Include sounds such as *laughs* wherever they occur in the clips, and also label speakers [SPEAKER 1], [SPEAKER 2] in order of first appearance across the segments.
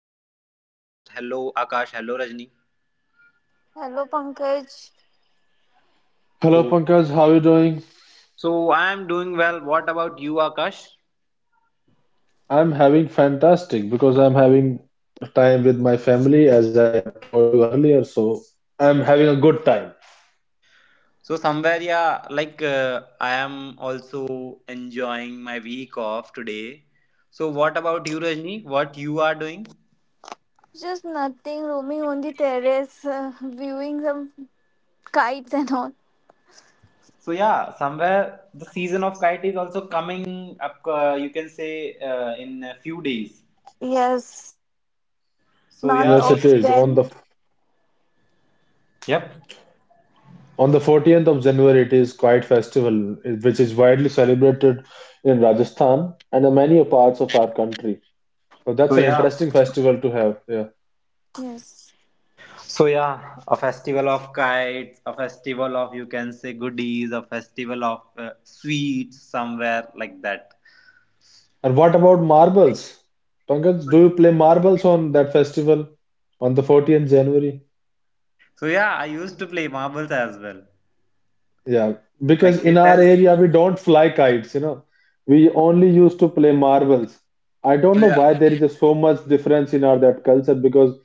[SPEAKER 1] to the podcast. Hello Akash, hello Rajni.
[SPEAKER 2] Hello, Pankaj.
[SPEAKER 3] Hello
[SPEAKER 1] So
[SPEAKER 3] Pankaj, how are you doing?
[SPEAKER 1] so I am doing well. What about you, Akash?
[SPEAKER 3] I'm having fantastic because I'm having time with my family as I have told you earlier, so I'm having a good time.
[SPEAKER 1] So somewhere, yeah, I am also enjoying my week off today. So what about you, Rajni? What you are doing?
[SPEAKER 2] Just nothing, roaming on the terrace, *laughs* viewing some kites and all.
[SPEAKER 1] So yeah, somewhere the season of kite is also coming up. You can say in a few days.
[SPEAKER 2] Yes, can say in the
[SPEAKER 1] So
[SPEAKER 2] month
[SPEAKER 1] yeah,
[SPEAKER 2] of
[SPEAKER 3] Yes,
[SPEAKER 1] like
[SPEAKER 3] it is.
[SPEAKER 2] Jan.
[SPEAKER 1] yep.
[SPEAKER 3] On the 14th of January, it is Kite Festival, which is widely celebrated in Rajasthan and in many parts of our country. So
[SPEAKER 1] So
[SPEAKER 3] that's an
[SPEAKER 1] yeah.
[SPEAKER 3] interesting festival to have. Yeah.
[SPEAKER 2] Yes.
[SPEAKER 1] So yeah, a festival of kites, a festival of you can say goodies, a festival of sweets, somewhere like that.
[SPEAKER 3] And what about marbles? Pankaj, do you play marbles on that festival on the 14th January?
[SPEAKER 1] So yeah, I used to play marbles as well.
[SPEAKER 3] Yeah, because
[SPEAKER 1] Like
[SPEAKER 3] in
[SPEAKER 1] it
[SPEAKER 3] our
[SPEAKER 1] is.
[SPEAKER 3] area we don't fly kites, you know. We only used to play marbles. I don't
[SPEAKER 1] So
[SPEAKER 3] know
[SPEAKER 1] yeah.
[SPEAKER 3] why there is a so much difference in our that culture because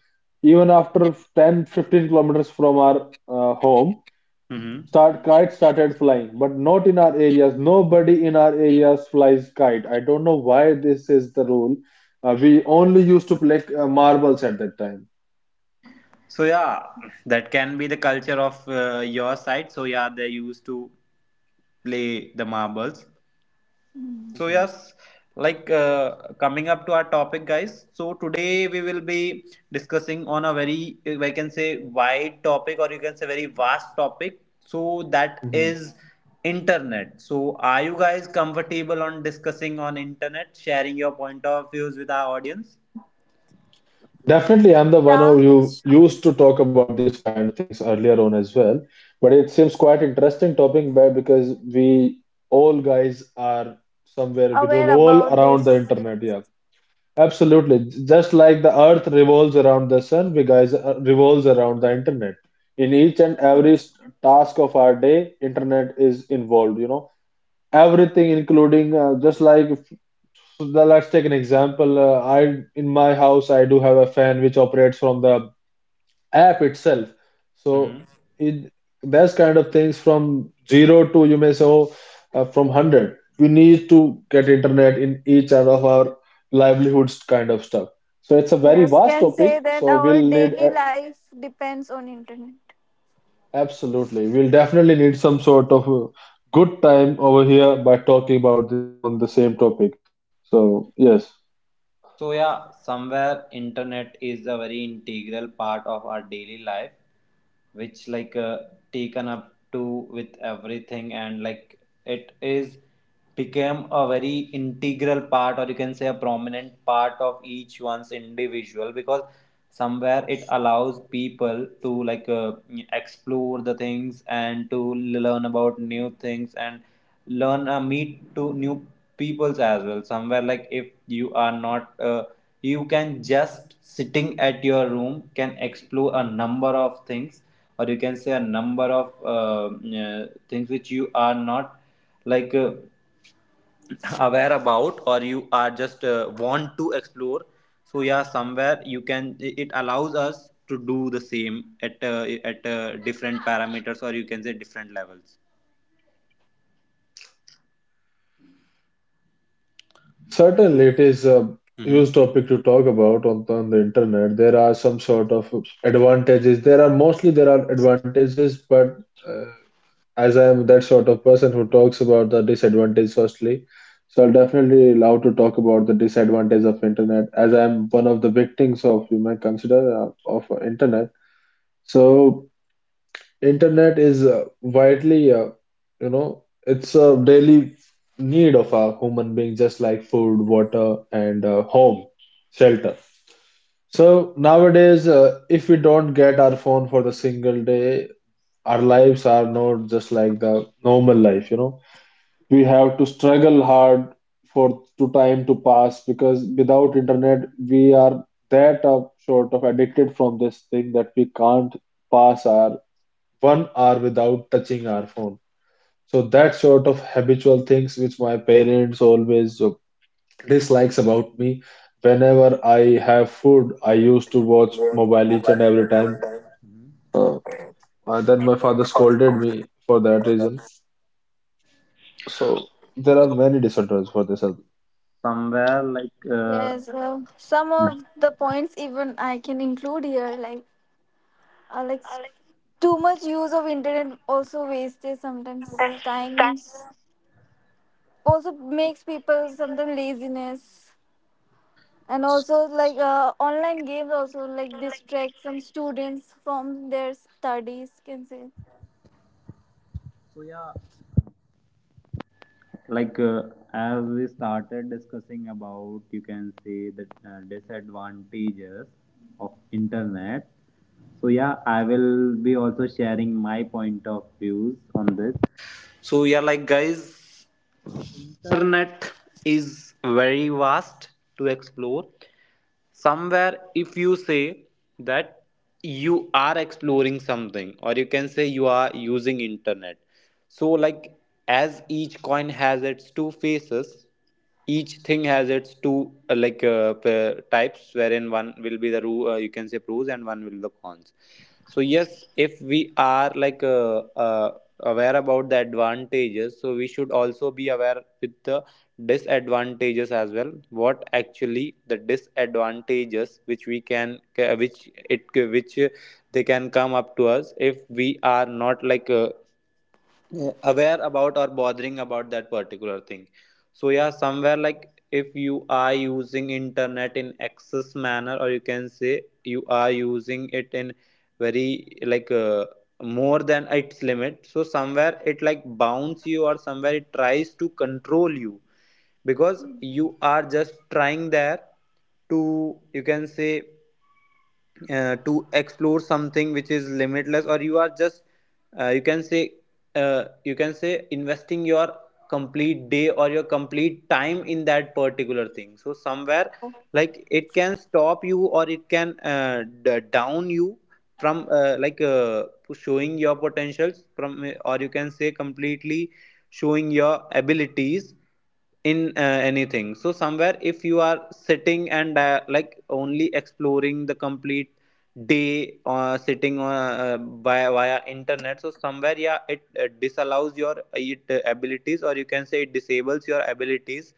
[SPEAKER 3] even after 10, 15 kilometers from our home,
[SPEAKER 1] hmm
[SPEAKER 3] start kite started flying, but not in our areas. Nobody in our areas flies kite. I don't know why this is the rule. We only used to play marbles at that time.
[SPEAKER 1] So yeah, that can be the culture of your side. So yeah, they used to play the marbles. So
[SPEAKER 3] Mhm.
[SPEAKER 1] yes, coming up to our topic, guys. So today we will be discussing on a very, I can say, wide topic or you can say very vast topic. So that
[SPEAKER 3] Mhm.
[SPEAKER 1] is internet. So are you guys comfortable on discussing on internet, sharing your point of views with our audience?
[SPEAKER 3] Definitely, I'm the one
[SPEAKER 2] Yeah,
[SPEAKER 3] who you used to talk about these kind of things earlier on as well. But it seems quite interesting topic by because we all guys are somewhere we
[SPEAKER 2] aware
[SPEAKER 3] revolve
[SPEAKER 2] about
[SPEAKER 3] around the
[SPEAKER 2] this. Yes.
[SPEAKER 3] internet. Yeah, absolutely. Just like the earth revolves around the sun, we guys revolves around the internet. In each and every
[SPEAKER 2] Yes,
[SPEAKER 3] task of our day, internet is involved. You know, everything, including just like so let's take an example. I in my house, I do have a fan which operates from the app itself. So it those kind of things from zero to you may say oh, from 100, we need to get internet in each and of our livelihoods kind of stuff. So it's a very
[SPEAKER 2] yes,
[SPEAKER 3] vast
[SPEAKER 2] can
[SPEAKER 3] topic.
[SPEAKER 2] say that
[SPEAKER 3] So
[SPEAKER 2] our
[SPEAKER 3] we'll need
[SPEAKER 2] daily life depends on internet.
[SPEAKER 3] absolutely, we'll definitely need some sort of good time over here by talking about this on the same topic. So yes.
[SPEAKER 1] So yeah, somewhere internet is a very integral part of our daily life, which taken up to with everything and like it is became a very integral part or you can say a prominent part of each one's individual because somewhere it allows people to explore the things and to learn about new things and learn meet to new peoples as well, somewhere like if you are not you can just sitting at your room can explore a number of things or you can say a number of things which you are not like uh, aware about or you are just want to explore. So yeah, somewhere you can, it allows us to do the same at different parameters or you can say different levels.
[SPEAKER 3] Certainly, it is a huge
[SPEAKER 1] Mhm.
[SPEAKER 3] topic to talk about on, the internet. There are some sort of advantages. There are mostly there are advantages, but uh, as I am that sort of person who talks about the disadvantage firstly, so I'll definitely allow to talk about the disadvantage of internet as I am one of the victims of you might consider of internet. So internet is widely, you know, it's a daily need of a human being, just like food, water, and home, shelter. So nowadays, if we don't get our phone for the single day, our lives are not just like the normal life, you know. We have to struggle hard for to time to pass because without internet, we are that sort of addicted from this thing that we can't pass our 1 hour without touching our phone. So that sort of habitual things which my parents always dislikes about me. Whenever I have food, I used to watch mobile each and every time. Uh, and then my father scolded me for that reason. So there are
[SPEAKER 1] So, like,
[SPEAKER 3] many disorders for this.
[SPEAKER 1] somewhere
[SPEAKER 2] Yes, some of the points even I can include here, like too much use of internet also wastes sometimes times, also makes people sometimes laziness, and also online games also like distract some students from their studies, can say.
[SPEAKER 1] so yeah like uh, as we started discussing about you can say the disadvantages of internet, so yeah I will be also sharing my point of views on this. So yeah, like guys, internet is very vast to explore. Somewhere if you say that you are exploring something or you can say you are using internet, so like as each coin has its two faces, each thing has its two types, wherein one will be the you can say pros and one will the cons. So yes, if we are aware about the advantages, so we should also be aware with the disadvantages as well, what actually the disadvantages which we can which it which they can come up to us if we are not aware about or bothering about that particular thing. So yeah, somewhere like if you are using internet in excess manner or you can say you are using it in very more than its limit, so somewhere it like bounds you or somewhere it tries to control you, because you are just trying there to you can say to explore something which is limitless, or you are just you can say, you can say investing your complete day or your complete time in that particular thing. So somewhere
[SPEAKER 2] Hello.
[SPEAKER 1] like it can stop you or it can down you from showing your potentials from, or you can say completely showing your abilities in anything. So somewhere if you are sitting and like only exploring the complete day sitting via, via internet, so somewhere yeah, it disallows your it abilities or you can say it disables your abilities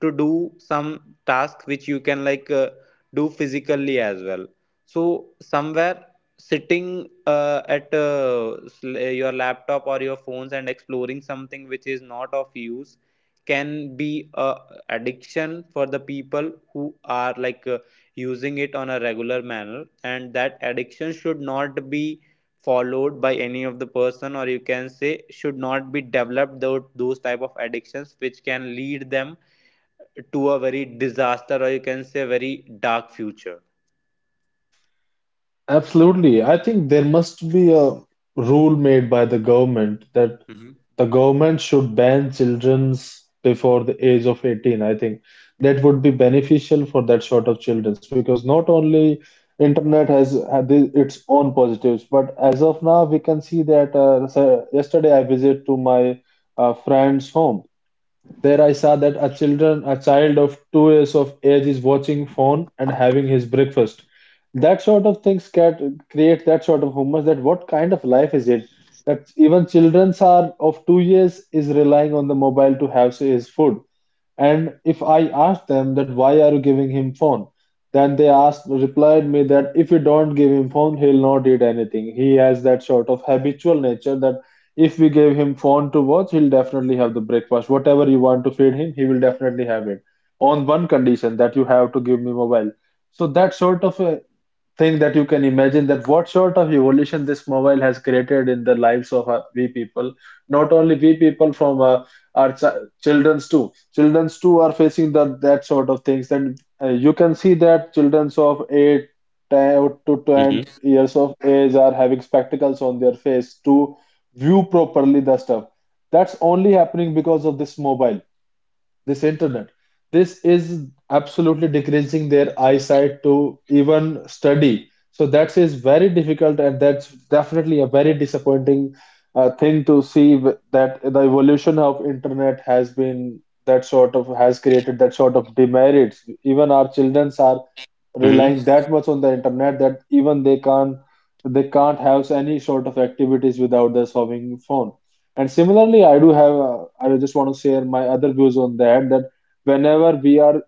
[SPEAKER 1] to do some task which you can do physically as well. So somewhere sitting your laptop or your phones and exploring something which is not of use can be a addiction for the people who are using it on a regular manner, and that addiction should not be followed by any of the person or you can say should not be developed, those type of addictions which can lead them to a very disaster or you can say very dark future.
[SPEAKER 3] Absolutely. I think there must be a rule made by the government that
[SPEAKER 1] hmm
[SPEAKER 3] the government should ban children's before the age of 18. I think that would be beneficial for that sort of children's because not only internet has had its own positives, but as of now we can see that so yesterday I visited to my friend's home, there I saw that a child of 2 years of age is watching phone and having his breakfast. That sort of things can create that sort of humors that what kind of life is it? That even children are of 2 years is relying on the mobile to have his food. And if I asked them that why are you giving him phone, then they asked replied me that if you don't give him phone, he'll not eat anything. He has that sort of habitual nature that if we give him phone to watch, he'll definitely have the breakfast. Whatever you want to feed him, he will definitely have it. On one condition that you have to give me mobile. So that sort of thing that you can imagine that what sort of evolution this mobile has created in the lives of we people, not only we people from uh, our children's too are facing the, that sort of things, and you can see that children's of 8 ten to 20
[SPEAKER 1] Mm-hmm.
[SPEAKER 3] years of age are having spectacles on their face to view properly the stuff. That's only happening because of this mobile, this internet. This is absolutely decreasing their eyesight to even study. So that is very difficult, and that's definitely a very disappointing thing to see that the evolution of internet has been that sort of has created that sort of demerits. Even our children are
[SPEAKER 1] Mm-hmm.
[SPEAKER 3] relying that much on the internet that even they can't have any sort of activities without their having phone. And similarly, I do have I just want to share my other views on that whenever we are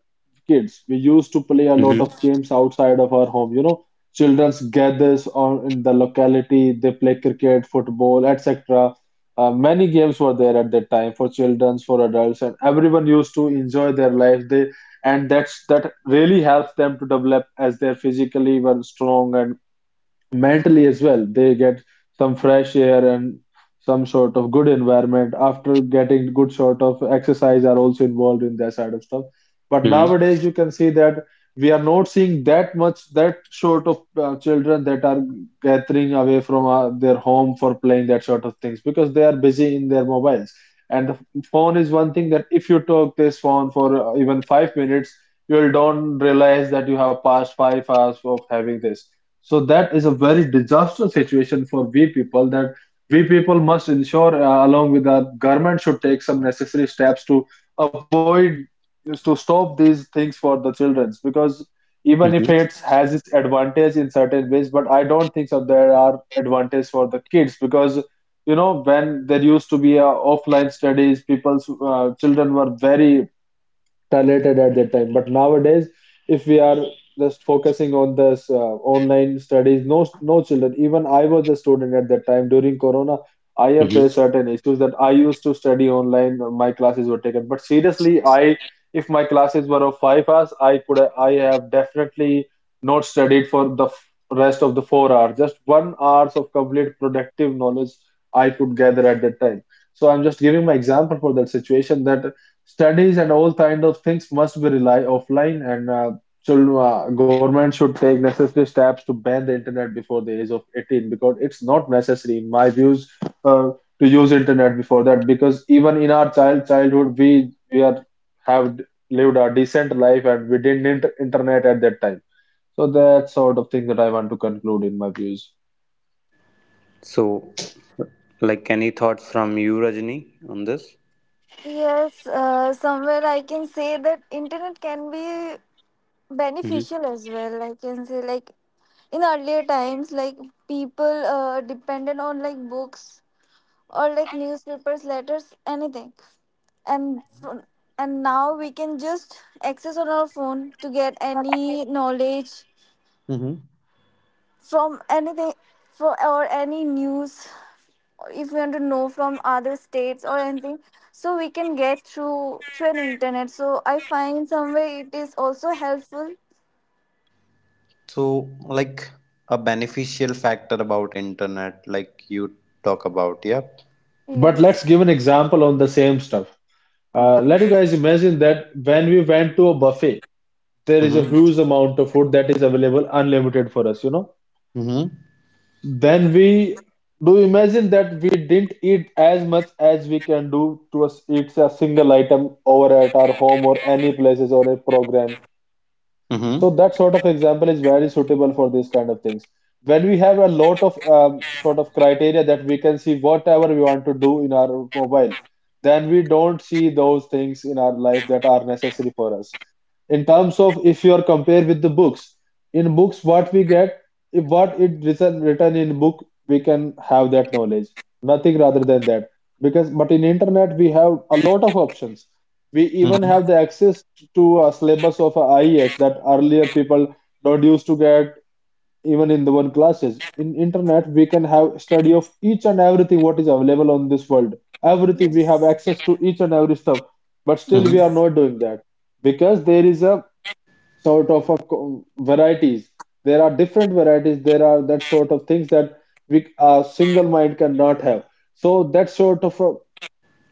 [SPEAKER 3] kids, we used to play a lot of
[SPEAKER 1] Mm-hmm.
[SPEAKER 3] games outside of our home. You know, childrens gathers on in the locality, they play cricket, football, etc. Many games were there at that time for children, for adults, and everyone used to enjoy their life. They and that's that really helps them to develop as they're physically well strong and mentally as well. They get some fresh air and some sort of good environment after getting good sort of exercise are also involved in that side of stuff. But
[SPEAKER 1] Mm-hmm.
[SPEAKER 3] nowadays you can see that we are not seeing that much that sort of children that are gathering away from their home for playing that sort of things because they are busy in their mobiles. And the phone is one thing that if you talk this phone for even 5 minutes, you will don't realize that you have passed 5 hours of having this. So that is a very disastrous situation for we people that we people must ensure along with our government should take some necessary steps to avoid to stop these things for the childrens because even if it
[SPEAKER 1] Mm-hmm.
[SPEAKER 3] has its advantage in certain ways but I don't think so there are advantage for the kids because you know when there used to be a offline studies, people's children were very talented at that time. But nowadays, if we are just focusing on this online studies, no no children. Even I was a student at that time during Corona. I have faced
[SPEAKER 1] hmm
[SPEAKER 3] certain issues that I used to study online. My classes were taken, but seriously, I if my classes were of 5 hours, I have definitely not studied for rest of the 4 hours. Just 1 hours of complete productive knowledge I could gather at that time. So I'm just giving my example for that situation that studies and all kind of things must be rely offline and government should take necessary steps to ban the internet before the age of 18 because it's not necessary in my views uh, to use internet before that because even in our childhood we are have lived a decent life and we didn't need internet at that time. So that sort of thing that I want to conclude in my views.
[SPEAKER 1] So, like, any thoughts from you, Rajni, on this?
[SPEAKER 2] Yes, somewhere I can say that internet can be
[SPEAKER 1] Mm-hmm.
[SPEAKER 2] beneficial as well. I can say, like in earlier times, like people depended on like books or like newspapers, letters, anything. And fr- and now we can just access on our phone to get any knowledge
[SPEAKER 1] hmm
[SPEAKER 2] from anything, for or any news, or if we want to know from other states or anything, so we can get through an internet, so I find somewhere it is also helpful.
[SPEAKER 1] So, like, a beneficial factor about internet, like you talk about, yeah.
[SPEAKER 3] But let's give
[SPEAKER 2] Yes.
[SPEAKER 3] an example on the same stuff.
[SPEAKER 2] Okay.
[SPEAKER 3] Let you guys imagine that when we went to a buffet, there is a
[SPEAKER 1] Mm-hmm.
[SPEAKER 2] Mm.
[SPEAKER 3] huge amount of food that is available unlimited for us, you know,
[SPEAKER 1] Mm-hmm.
[SPEAKER 3] then we do imagine that we didn't eat as much as we can do to us eat a single item over at our home or any places or a program. So
[SPEAKER 1] Mm-hmm.
[SPEAKER 3] that sort of example is very suitable for these kind of things. When we have a lot of sort of criteria that we can see whatever we want to do in our mobile, then we don't see those things in our life that are necessary for us. In terms of if you are compared with the books, in books what we get, if what it written in book, we can have that knowledge. Nothing rather than that. Because but in internet we have a lot of options, we even have the access to a syllabus of IES that earlier people don't used to get even in the one classes. In internet, we can have study of each and everything what is available on this world. Everything we have
[SPEAKER 2] Yes.
[SPEAKER 3] access to each and every stuff, but still we
[SPEAKER 1] Mm-hmm.
[SPEAKER 3] are
[SPEAKER 2] Yes.
[SPEAKER 3] not doing that because there is a varieties. There are different varieties. There are that sort of things that we a single mind cannot have. So that sort of a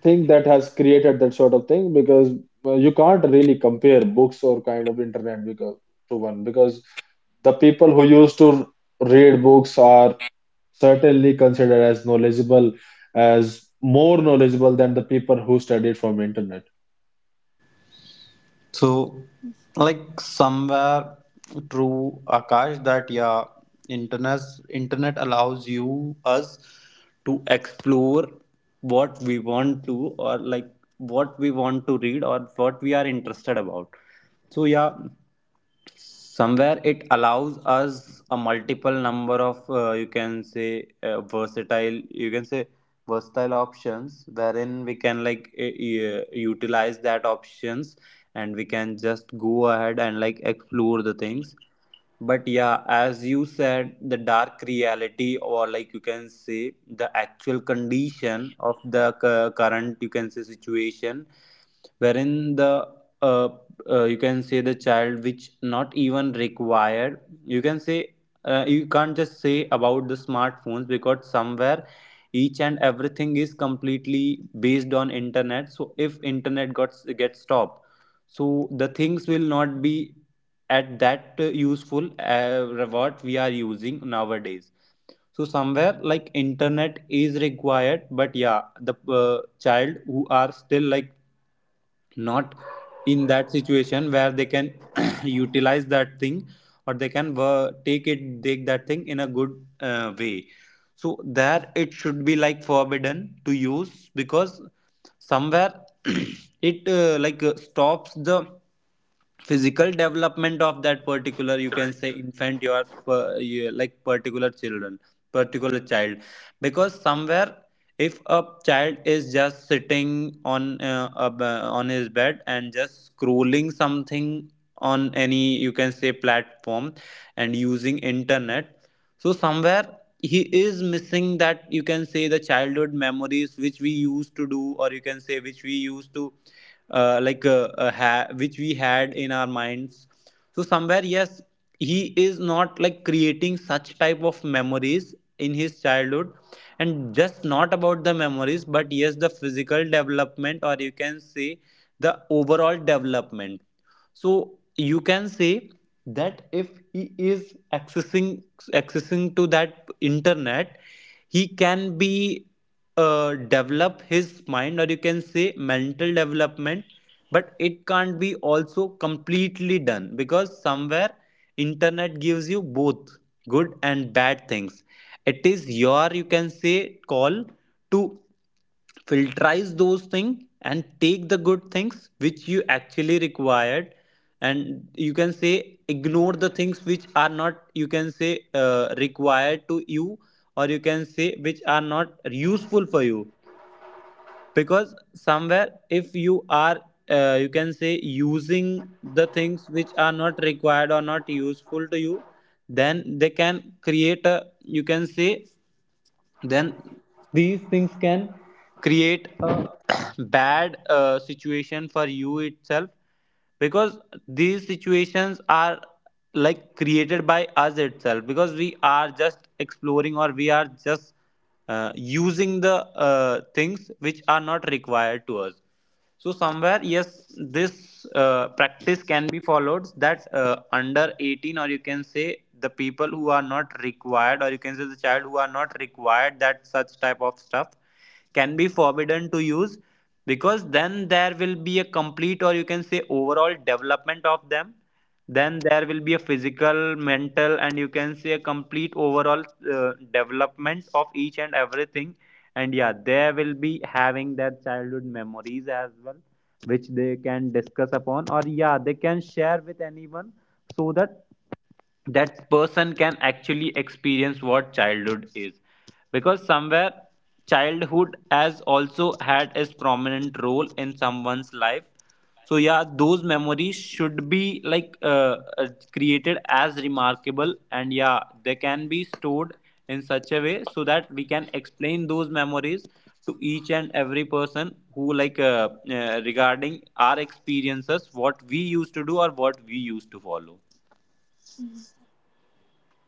[SPEAKER 3] thing that has created that sort of thing because you can't really compare books or kind of internet because to one because the people who used to read books are certainly considered as knowledgeable, as more knowledgeable than the people who studied from internet.
[SPEAKER 1] So, like somewhere true, Akash, that yeah, internet internet allows you us to explore what we want to, or like what we want to read or what we are interested about. So yeah, somewhere it allows us a multiple number of you can say versatile, you can say versatile options wherein we can utilize that options, and we can just go ahead and like explore the things. But yeah, as you said, the dark reality or like you can say the actual condition of the current you can say situation wherein the uh, you can say the child which not even required, you can say, you can't just say about the smartphones because somewhere each and everything is completely based on internet. So if internet got gets stopped, so the things will not be at that useful what we are using nowadays. So somewhere like internet is required, but yeah, the child who are still like not in that situation where they can *clears throat* utilize that thing or they can take that thing in a good way. So there it should be like forbidden to use, because somewhere *clears throat* it stops the physical development of that particular you can say infant, your per- you- like particular children, particular child. Because somewhere if a child is just sitting on on his bed and just scrolling something on any you can say platform and using internet, so somewhere he is missing that you can say the childhood memories which we used to do, or you can say which we used to which we had in our minds. So somewhere yes, he is not like creating such type of memories in his childhood, and just not about the memories but yes the physical development or you can say the overall development. So you can say that if he is accessing to that internet, he can be develop his mind or you can say mental development. But it can't be also completely done, because somewhere internet gives you both good and bad things. It is your you can say call to filterize those things and take the good things which you actually required, and you can say ignore the things which are not you can say required to you, or you can say which are not useful for you. Because somewhere if you are you can say using the things which are not required or not useful to you, then they can create a you can say, then these things can create a *coughs* bad situation for you itself, because these situations are like created by us itself, because we are just exploring or we are just using the things which are not required to us. So somewhere, yes, this practice can be followed, that under 18 or you can say the people who are not required, or you can say the child who are not required, that such type of stuff can be forbidden to use. Because then there will be a complete or you can say overall development of them. Then there will be a physical, mental, and you can say a complete overall development of each and everything. And yeah, they will be having their childhood memories as well, which they can discuss upon, or yeah, they can share with anyone, so that that person can actually experience what childhood is. Because somewhere childhood has also had its prominent role in someone's life, so yeah, those memories should be created as remarkable, and yeah, they can be stored in such a way so that we can explain those memories to each and every person who regarding our experiences, what we used to do or what we used to follow.
[SPEAKER 2] Mm.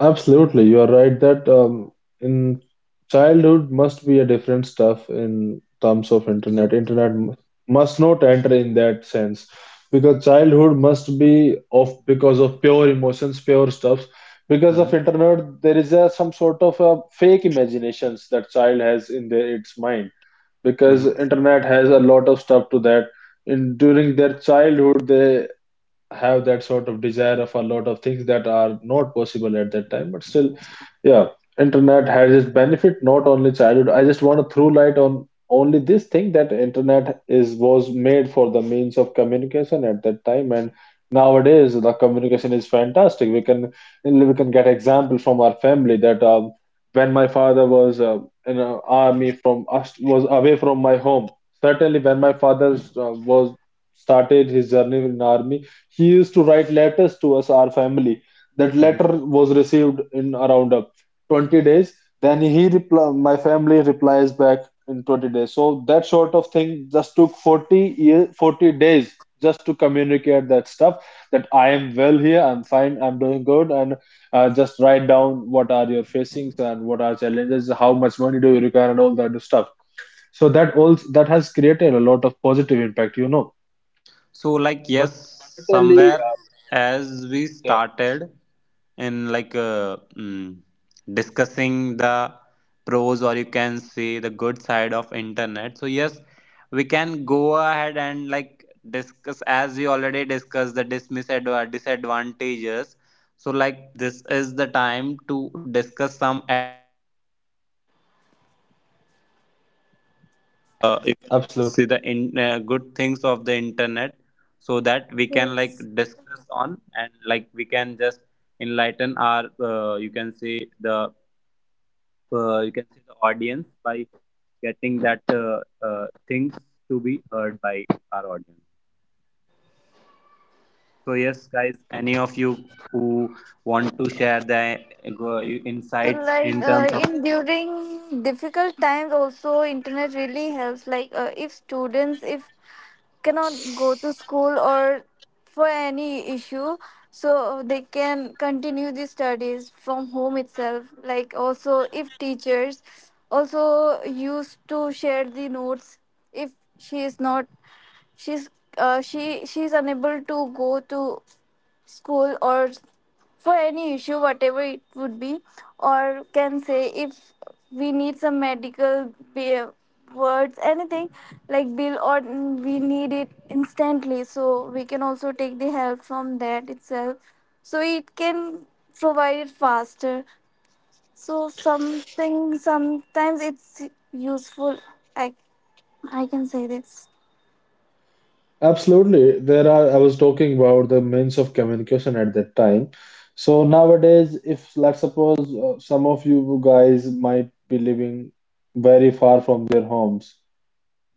[SPEAKER 3] Absolutely, you are right that in childhood must be a different stuff in terms of
[SPEAKER 1] Mhm.
[SPEAKER 3] internet. Internet must not enter in that sense because childhood must be of because of pure emotions, pure stuff. Because
[SPEAKER 1] Mhm.
[SPEAKER 3] of internet, there is a, some sort of a fake imaginations that child has in their, its mind.
[SPEAKER 1] Mhm,
[SPEAKER 3] Because internet has a lot of stuff to that. In during their childhood, they have that sort of desire of a lot of things that are not possible at that time, but still, yeah, internet has its benefit. Not only childhood, I just want to throw light on only this thing, that internet is was made for the means of communication at that time, and nowadays the communication is fantastic. We can get example from our family that when my father was in an army, from us was away from my home. Certainly, when my father was started his journey in army, he used to write letters to us, our family. That
[SPEAKER 1] mhm.
[SPEAKER 3] letter was received in around 20 days. Then he reply, my family replies back in 20 days. So that sort of thing just took 40 days just to communicate that stuff, that I am well here, I'm fine, I'm doing good, and just write down what are your facings and what are challenges, how much money do you require, and all that stuff. So that all that has created a lot of positive impact, you know. But
[SPEAKER 1] So, like,
[SPEAKER 3] certainly,
[SPEAKER 1] yes, somewhere
[SPEAKER 3] uh,
[SPEAKER 1] as we started in discussing the pros or you can say the good side of internet. So yes, we can go ahead and like discuss, as we already discussed the dismissed disadvantages. So like, this is the time to discuss some
[SPEAKER 3] absolutely.
[SPEAKER 4] You can see the in, good things of the internet so that we can
[SPEAKER 2] Yes.
[SPEAKER 4] discuss on, and we can just enlighten our you can see the you can see the audience by getting that things to be heard by our audience. So yes guys, any of you who want to share the
[SPEAKER 2] So
[SPEAKER 4] insights in terms of,
[SPEAKER 2] in during difficult times also internet really helps, if students, if cannot go to school or for any issue, so they can continue the studies from home itself, like also if teachers also used to share the notes, if she is not, she's she's unable to go to school or for any issue whatever it would be, or can say if we need some words, anything like bill or mm, we need it instantly, so we can also take the help from that itself, so it can provide it faster. So something sometimes it's useful, i I can say this.
[SPEAKER 3] Absolutely. There are, I was talking about the means of communication at that time. So nowadays, if let's suppose some of you guys might be living very far from their homes,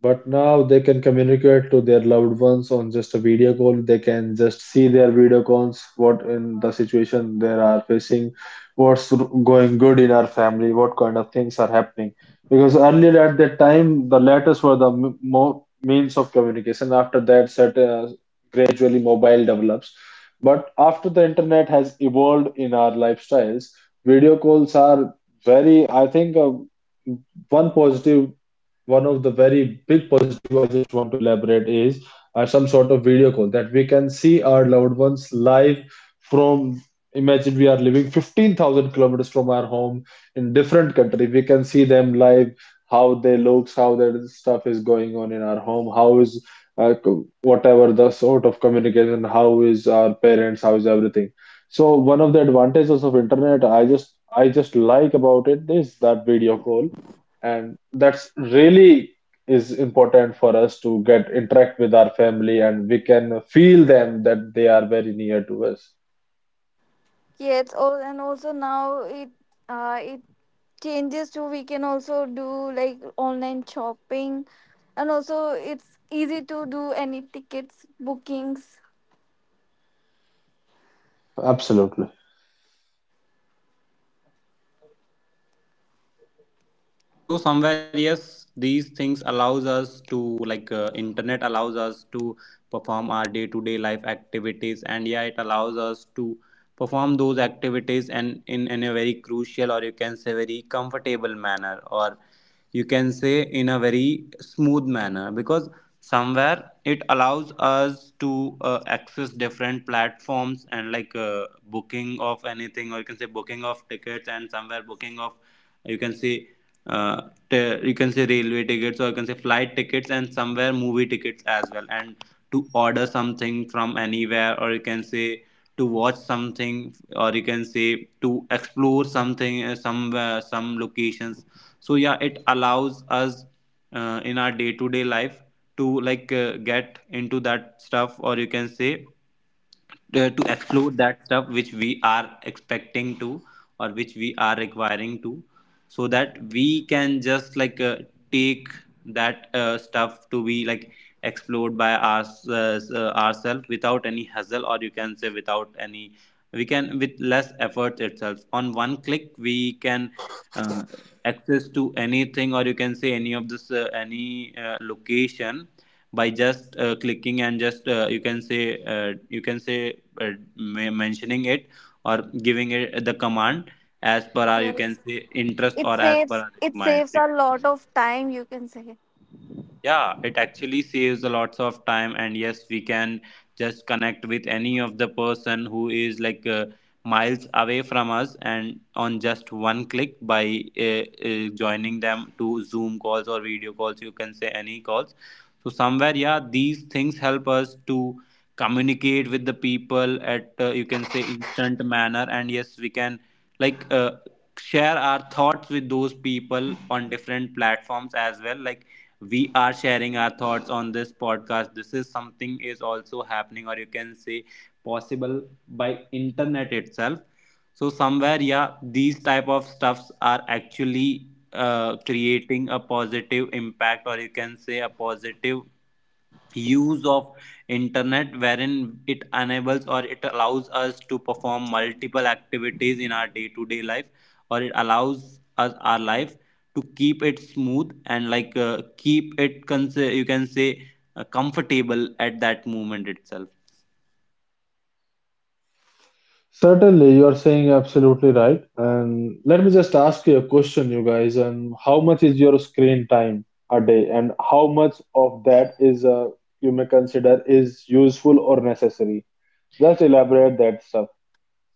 [SPEAKER 3] but now they can communicate to their loved ones on just a video call. They can just see their video calls, what in the situation they are facing, what's going good in our family, what kind of things are happening. Because earlier at that time, the letters were the m- mo means of communication. After that, set, gradually mobile develops. But after the internet has evolved in our lifestyles, video calls are very, I think, one positive, one of the very big positive I just want to elaborate is some sort of video call that we can see our loved ones live from, imagine we are living 15,000 kilometers from our home, in different country we can see them live, how they looks, how their stuff is going on in our home, how is whatever the sort of communication, how is our parents, how is everything. So one of the advantages of internet, I just, I just like about it is that video call, and that's really is important for us to get interact with our family and we can feel them that they are very near to us.
[SPEAKER 2] Yes, all. And also now it it changes too. We can also do like online shopping, and also it's easy to do any tickets bookings.
[SPEAKER 3] Absolutely.
[SPEAKER 4] so somewhere yes, these things allows us to, internet allows us to perform our day to day life activities. And yeah, it allows us to perform those activities in a very crucial, or you can say very comfortable manner, or you can say in a very smooth manner, because somewhere it allows us to access different platforms and booking of anything, or you can say booking of tickets, and somewhere booking of, you can say, uh, you can say railway tickets, or you can say flight tickets, and somewhere movie tickets as well, and to order something from anywhere, or you can say to watch something, or you can say to explore something, some locations. So yeah, it allows us in our day to day life to, get into that stuff, or you can say to explore that stuff which we are expecting to, or which we are requiring to, so that we can just take that stuff to be, like, explored by ourselves without any hassle, or you can say without any, we can with less effort itself on one click, we can uh, access to anything, or you can say any of this, any location, by just clicking and just you can say uh, mentioning it, or giving it the command as per our, you
[SPEAKER 2] Yes,
[SPEAKER 4] can say, interest, or as per our
[SPEAKER 2] it saves a lot
[SPEAKER 4] requirement.
[SPEAKER 2] of time, you can say.
[SPEAKER 4] Yeah, it actually saves a lots of time, and yes, we can just connect with any of the person who is, miles away from us, and on just one click by joining them to Zoom calls or video calls, you can say any calls. So somewhere yeah, these things help us to communicate with the people at, you can say, instant manner, and yes, we can like uh, share our thoughts with those people on different platforms as well. Like, we are sharing our thoughts on this podcast. This is something is also happening, or you can say possible by internet itself. So somewhere yeah, these type of stuffs are actually creating a positive impact, or you can say a positive use of internet, wherein it enables or it allows us to perform multiple activities in our day to day life, or it allows us, our life, to keep it smooth and keep it you can say comfortable at that moment itself.
[SPEAKER 3] Certainly you are saying absolutely right, and let me just ask you a question, you guys, and how much is your screen time a day, and how much of that is you may consider is useful or necessary. Just elaborate that stuff.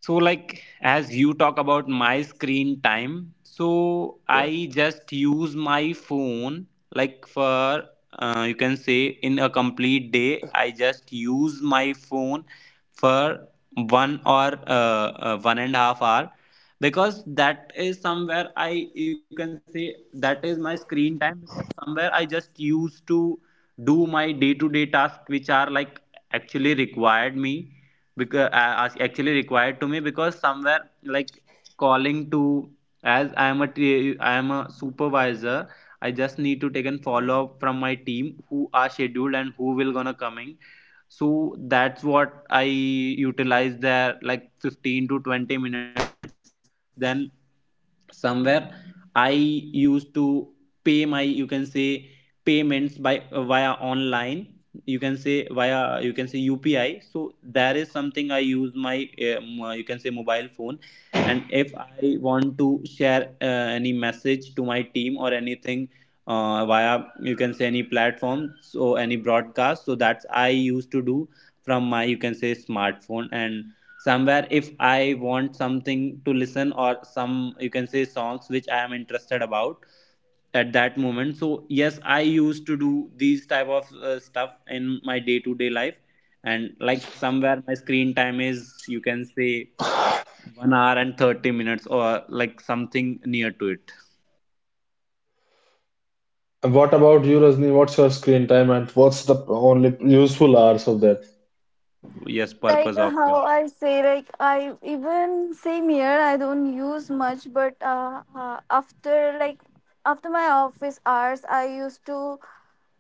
[SPEAKER 4] So, like, as you talk about my screen time, so
[SPEAKER 3] Yeah,
[SPEAKER 4] I just use my phone, like, for, you can say, in a complete day, I just use my phone for 1.5 hours, because that is somewhere, I, you can say, that is my screen time, because somewhere I just used to do my day to day tasks which are, like, actually required me, because actually required to me, because somewhere, like, calling to, as I am a I am a supervisor. I just need to take and follow up from my team who are scheduled and who will gonna coming. So that's what I utilize there, like, 15 to 20 minutes. Then somewhere I used to pay my, you can say, payments by, via online, you can say via, you can say, UPI. So there is something I use my you can say mobile phone. And if I want to share any message to my team or anything, via, you can say, any platform, so any broadcast, so that's I used to do from my, you can say, smartphone. And somewhere, if I want something to listen, or some, you can say, songs which I am interested about at that moment, so yes, I used to do these type of stuff in my day to day life. And like, somewhere my screen time is, you can say, 1 hour and 30 minutes, or like something near to it.
[SPEAKER 3] and what about you, Rajni? What's your screen time and what's the only useful hours of that?
[SPEAKER 4] Yes, purpose of you.
[SPEAKER 2] How I say, like I even same here, I don't use much, but after like after my office hours, I used to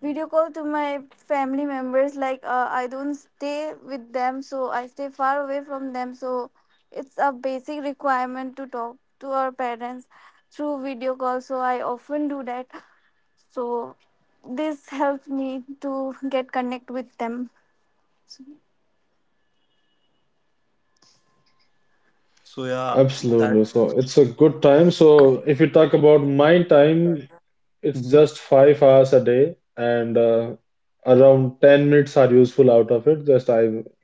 [SPEAKER 2] video call to my family members. I don't stay with them, so I stay far away from them. So it's a basic requirement to talk to our parents through video call. So I often do that. So this helps me to get connect with them.
[SPEAKER 4] So yeah, that.
[SPEAKER 3] Absolutely. So it's a good time. So if you talk about my time, it's
[SPEAKER 4] Mhm.
[SPEAKER 3] just 5 hours a day, and around 10 minutes are useful out of it. Just I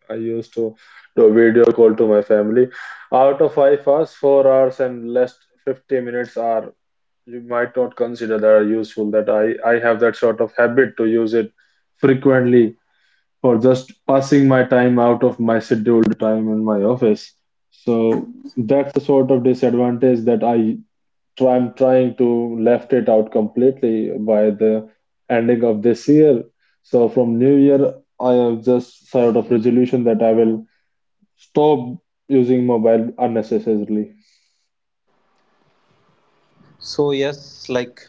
[SPEAKER 3] I used to do a video call to my family. Out of 5 hours, 4 hours and less 50 minutes are you might not consider that are useful. That I have that sort of habit to use it frequently for just passing my time out of my scheduled time in my office. So that's the sort of disadvantage that I'm trying to left it out completely by the ending of this year. So from New Year, I have just sort of resolution that I will stop using mobile unnecessarily.
[SPEAKER 4] So yes, like,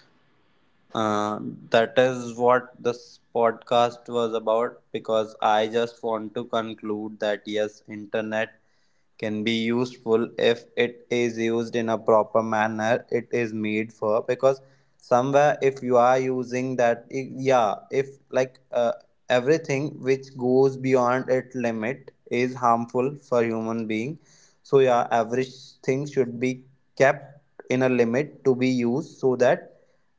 [SPEAKER 4] Uh, that is what this podcast was about, because I just want to conclude that yes, internet can be useful if it is used in a proper manner it is made for. Because somewhere, if you are using that, yeah, if, like uh, everything which goes beyond its limit is harmful for human being. So yeah, everything should be kept in a limit to be used, so that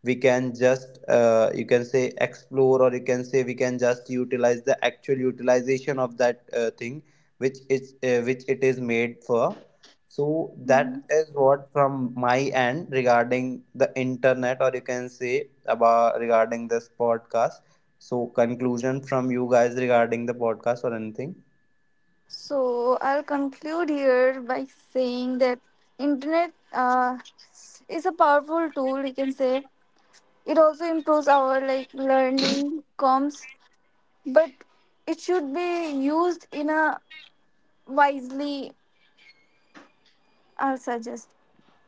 [SPEAKER 4] we can just you can say explore, or you can say we can just utilize the actual utilization of that thing which is, which it is made for. So
[SPEAKER 2] Mhm.
[SPEAKER 4] that is what from my end regarding the internet, or you can say about regarding this podcast. So, conclusion from you guys regarding the podcast or anything?
[SPEAKER 2] So I'll conclude here by saying that internet is a powerful tool. You can say it also improves our like learning comms, but it should be used in a wisely, I'll suggest.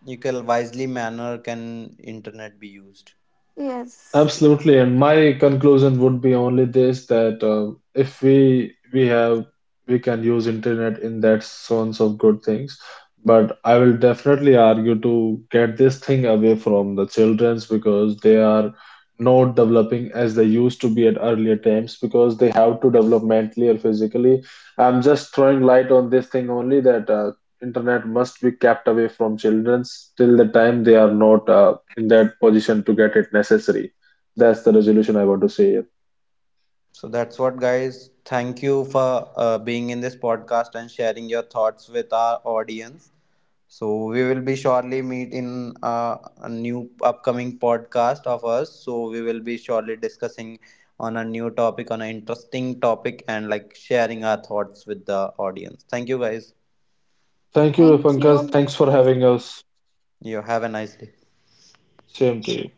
[SPEAKER 4] You can wisely manner can internet be used.
[SPEAKER 2] Yes.
[SPEAKER 3] Absolutely, and my conclusion would be only this, that if we have, we can use internet in that sense of good things, but I will definitely argue to get this thing away from the childrens, because they are not developing as they used to be at earlier times, because they have to develop mentally or physically. I'm just throwing light on this thing only, that internet must be kept away from childrens till the time they are not in that position to get it necessary. That's the resolution I want to say.
[SPEAKER 4] So that's what guys, thank you for being in this podcast and sharing your thoughts with our audience. So we will be surely meet in a new upcoming podcast of us. So we will be surely discussing on a new topic, on an interesting topic, and like sharing our thoughts with the audience. Thank you guys.
[SPEAKER 3] Thank you,
[SPEAKER 2] Thank
[SPEAKER 3] Pankaj.
[SPEAKER 2] you.
[SPEAKER 3] Thanks for having us.
[SPEAKER 4] You have a nice day.
[SPEAKER 3] Same to you.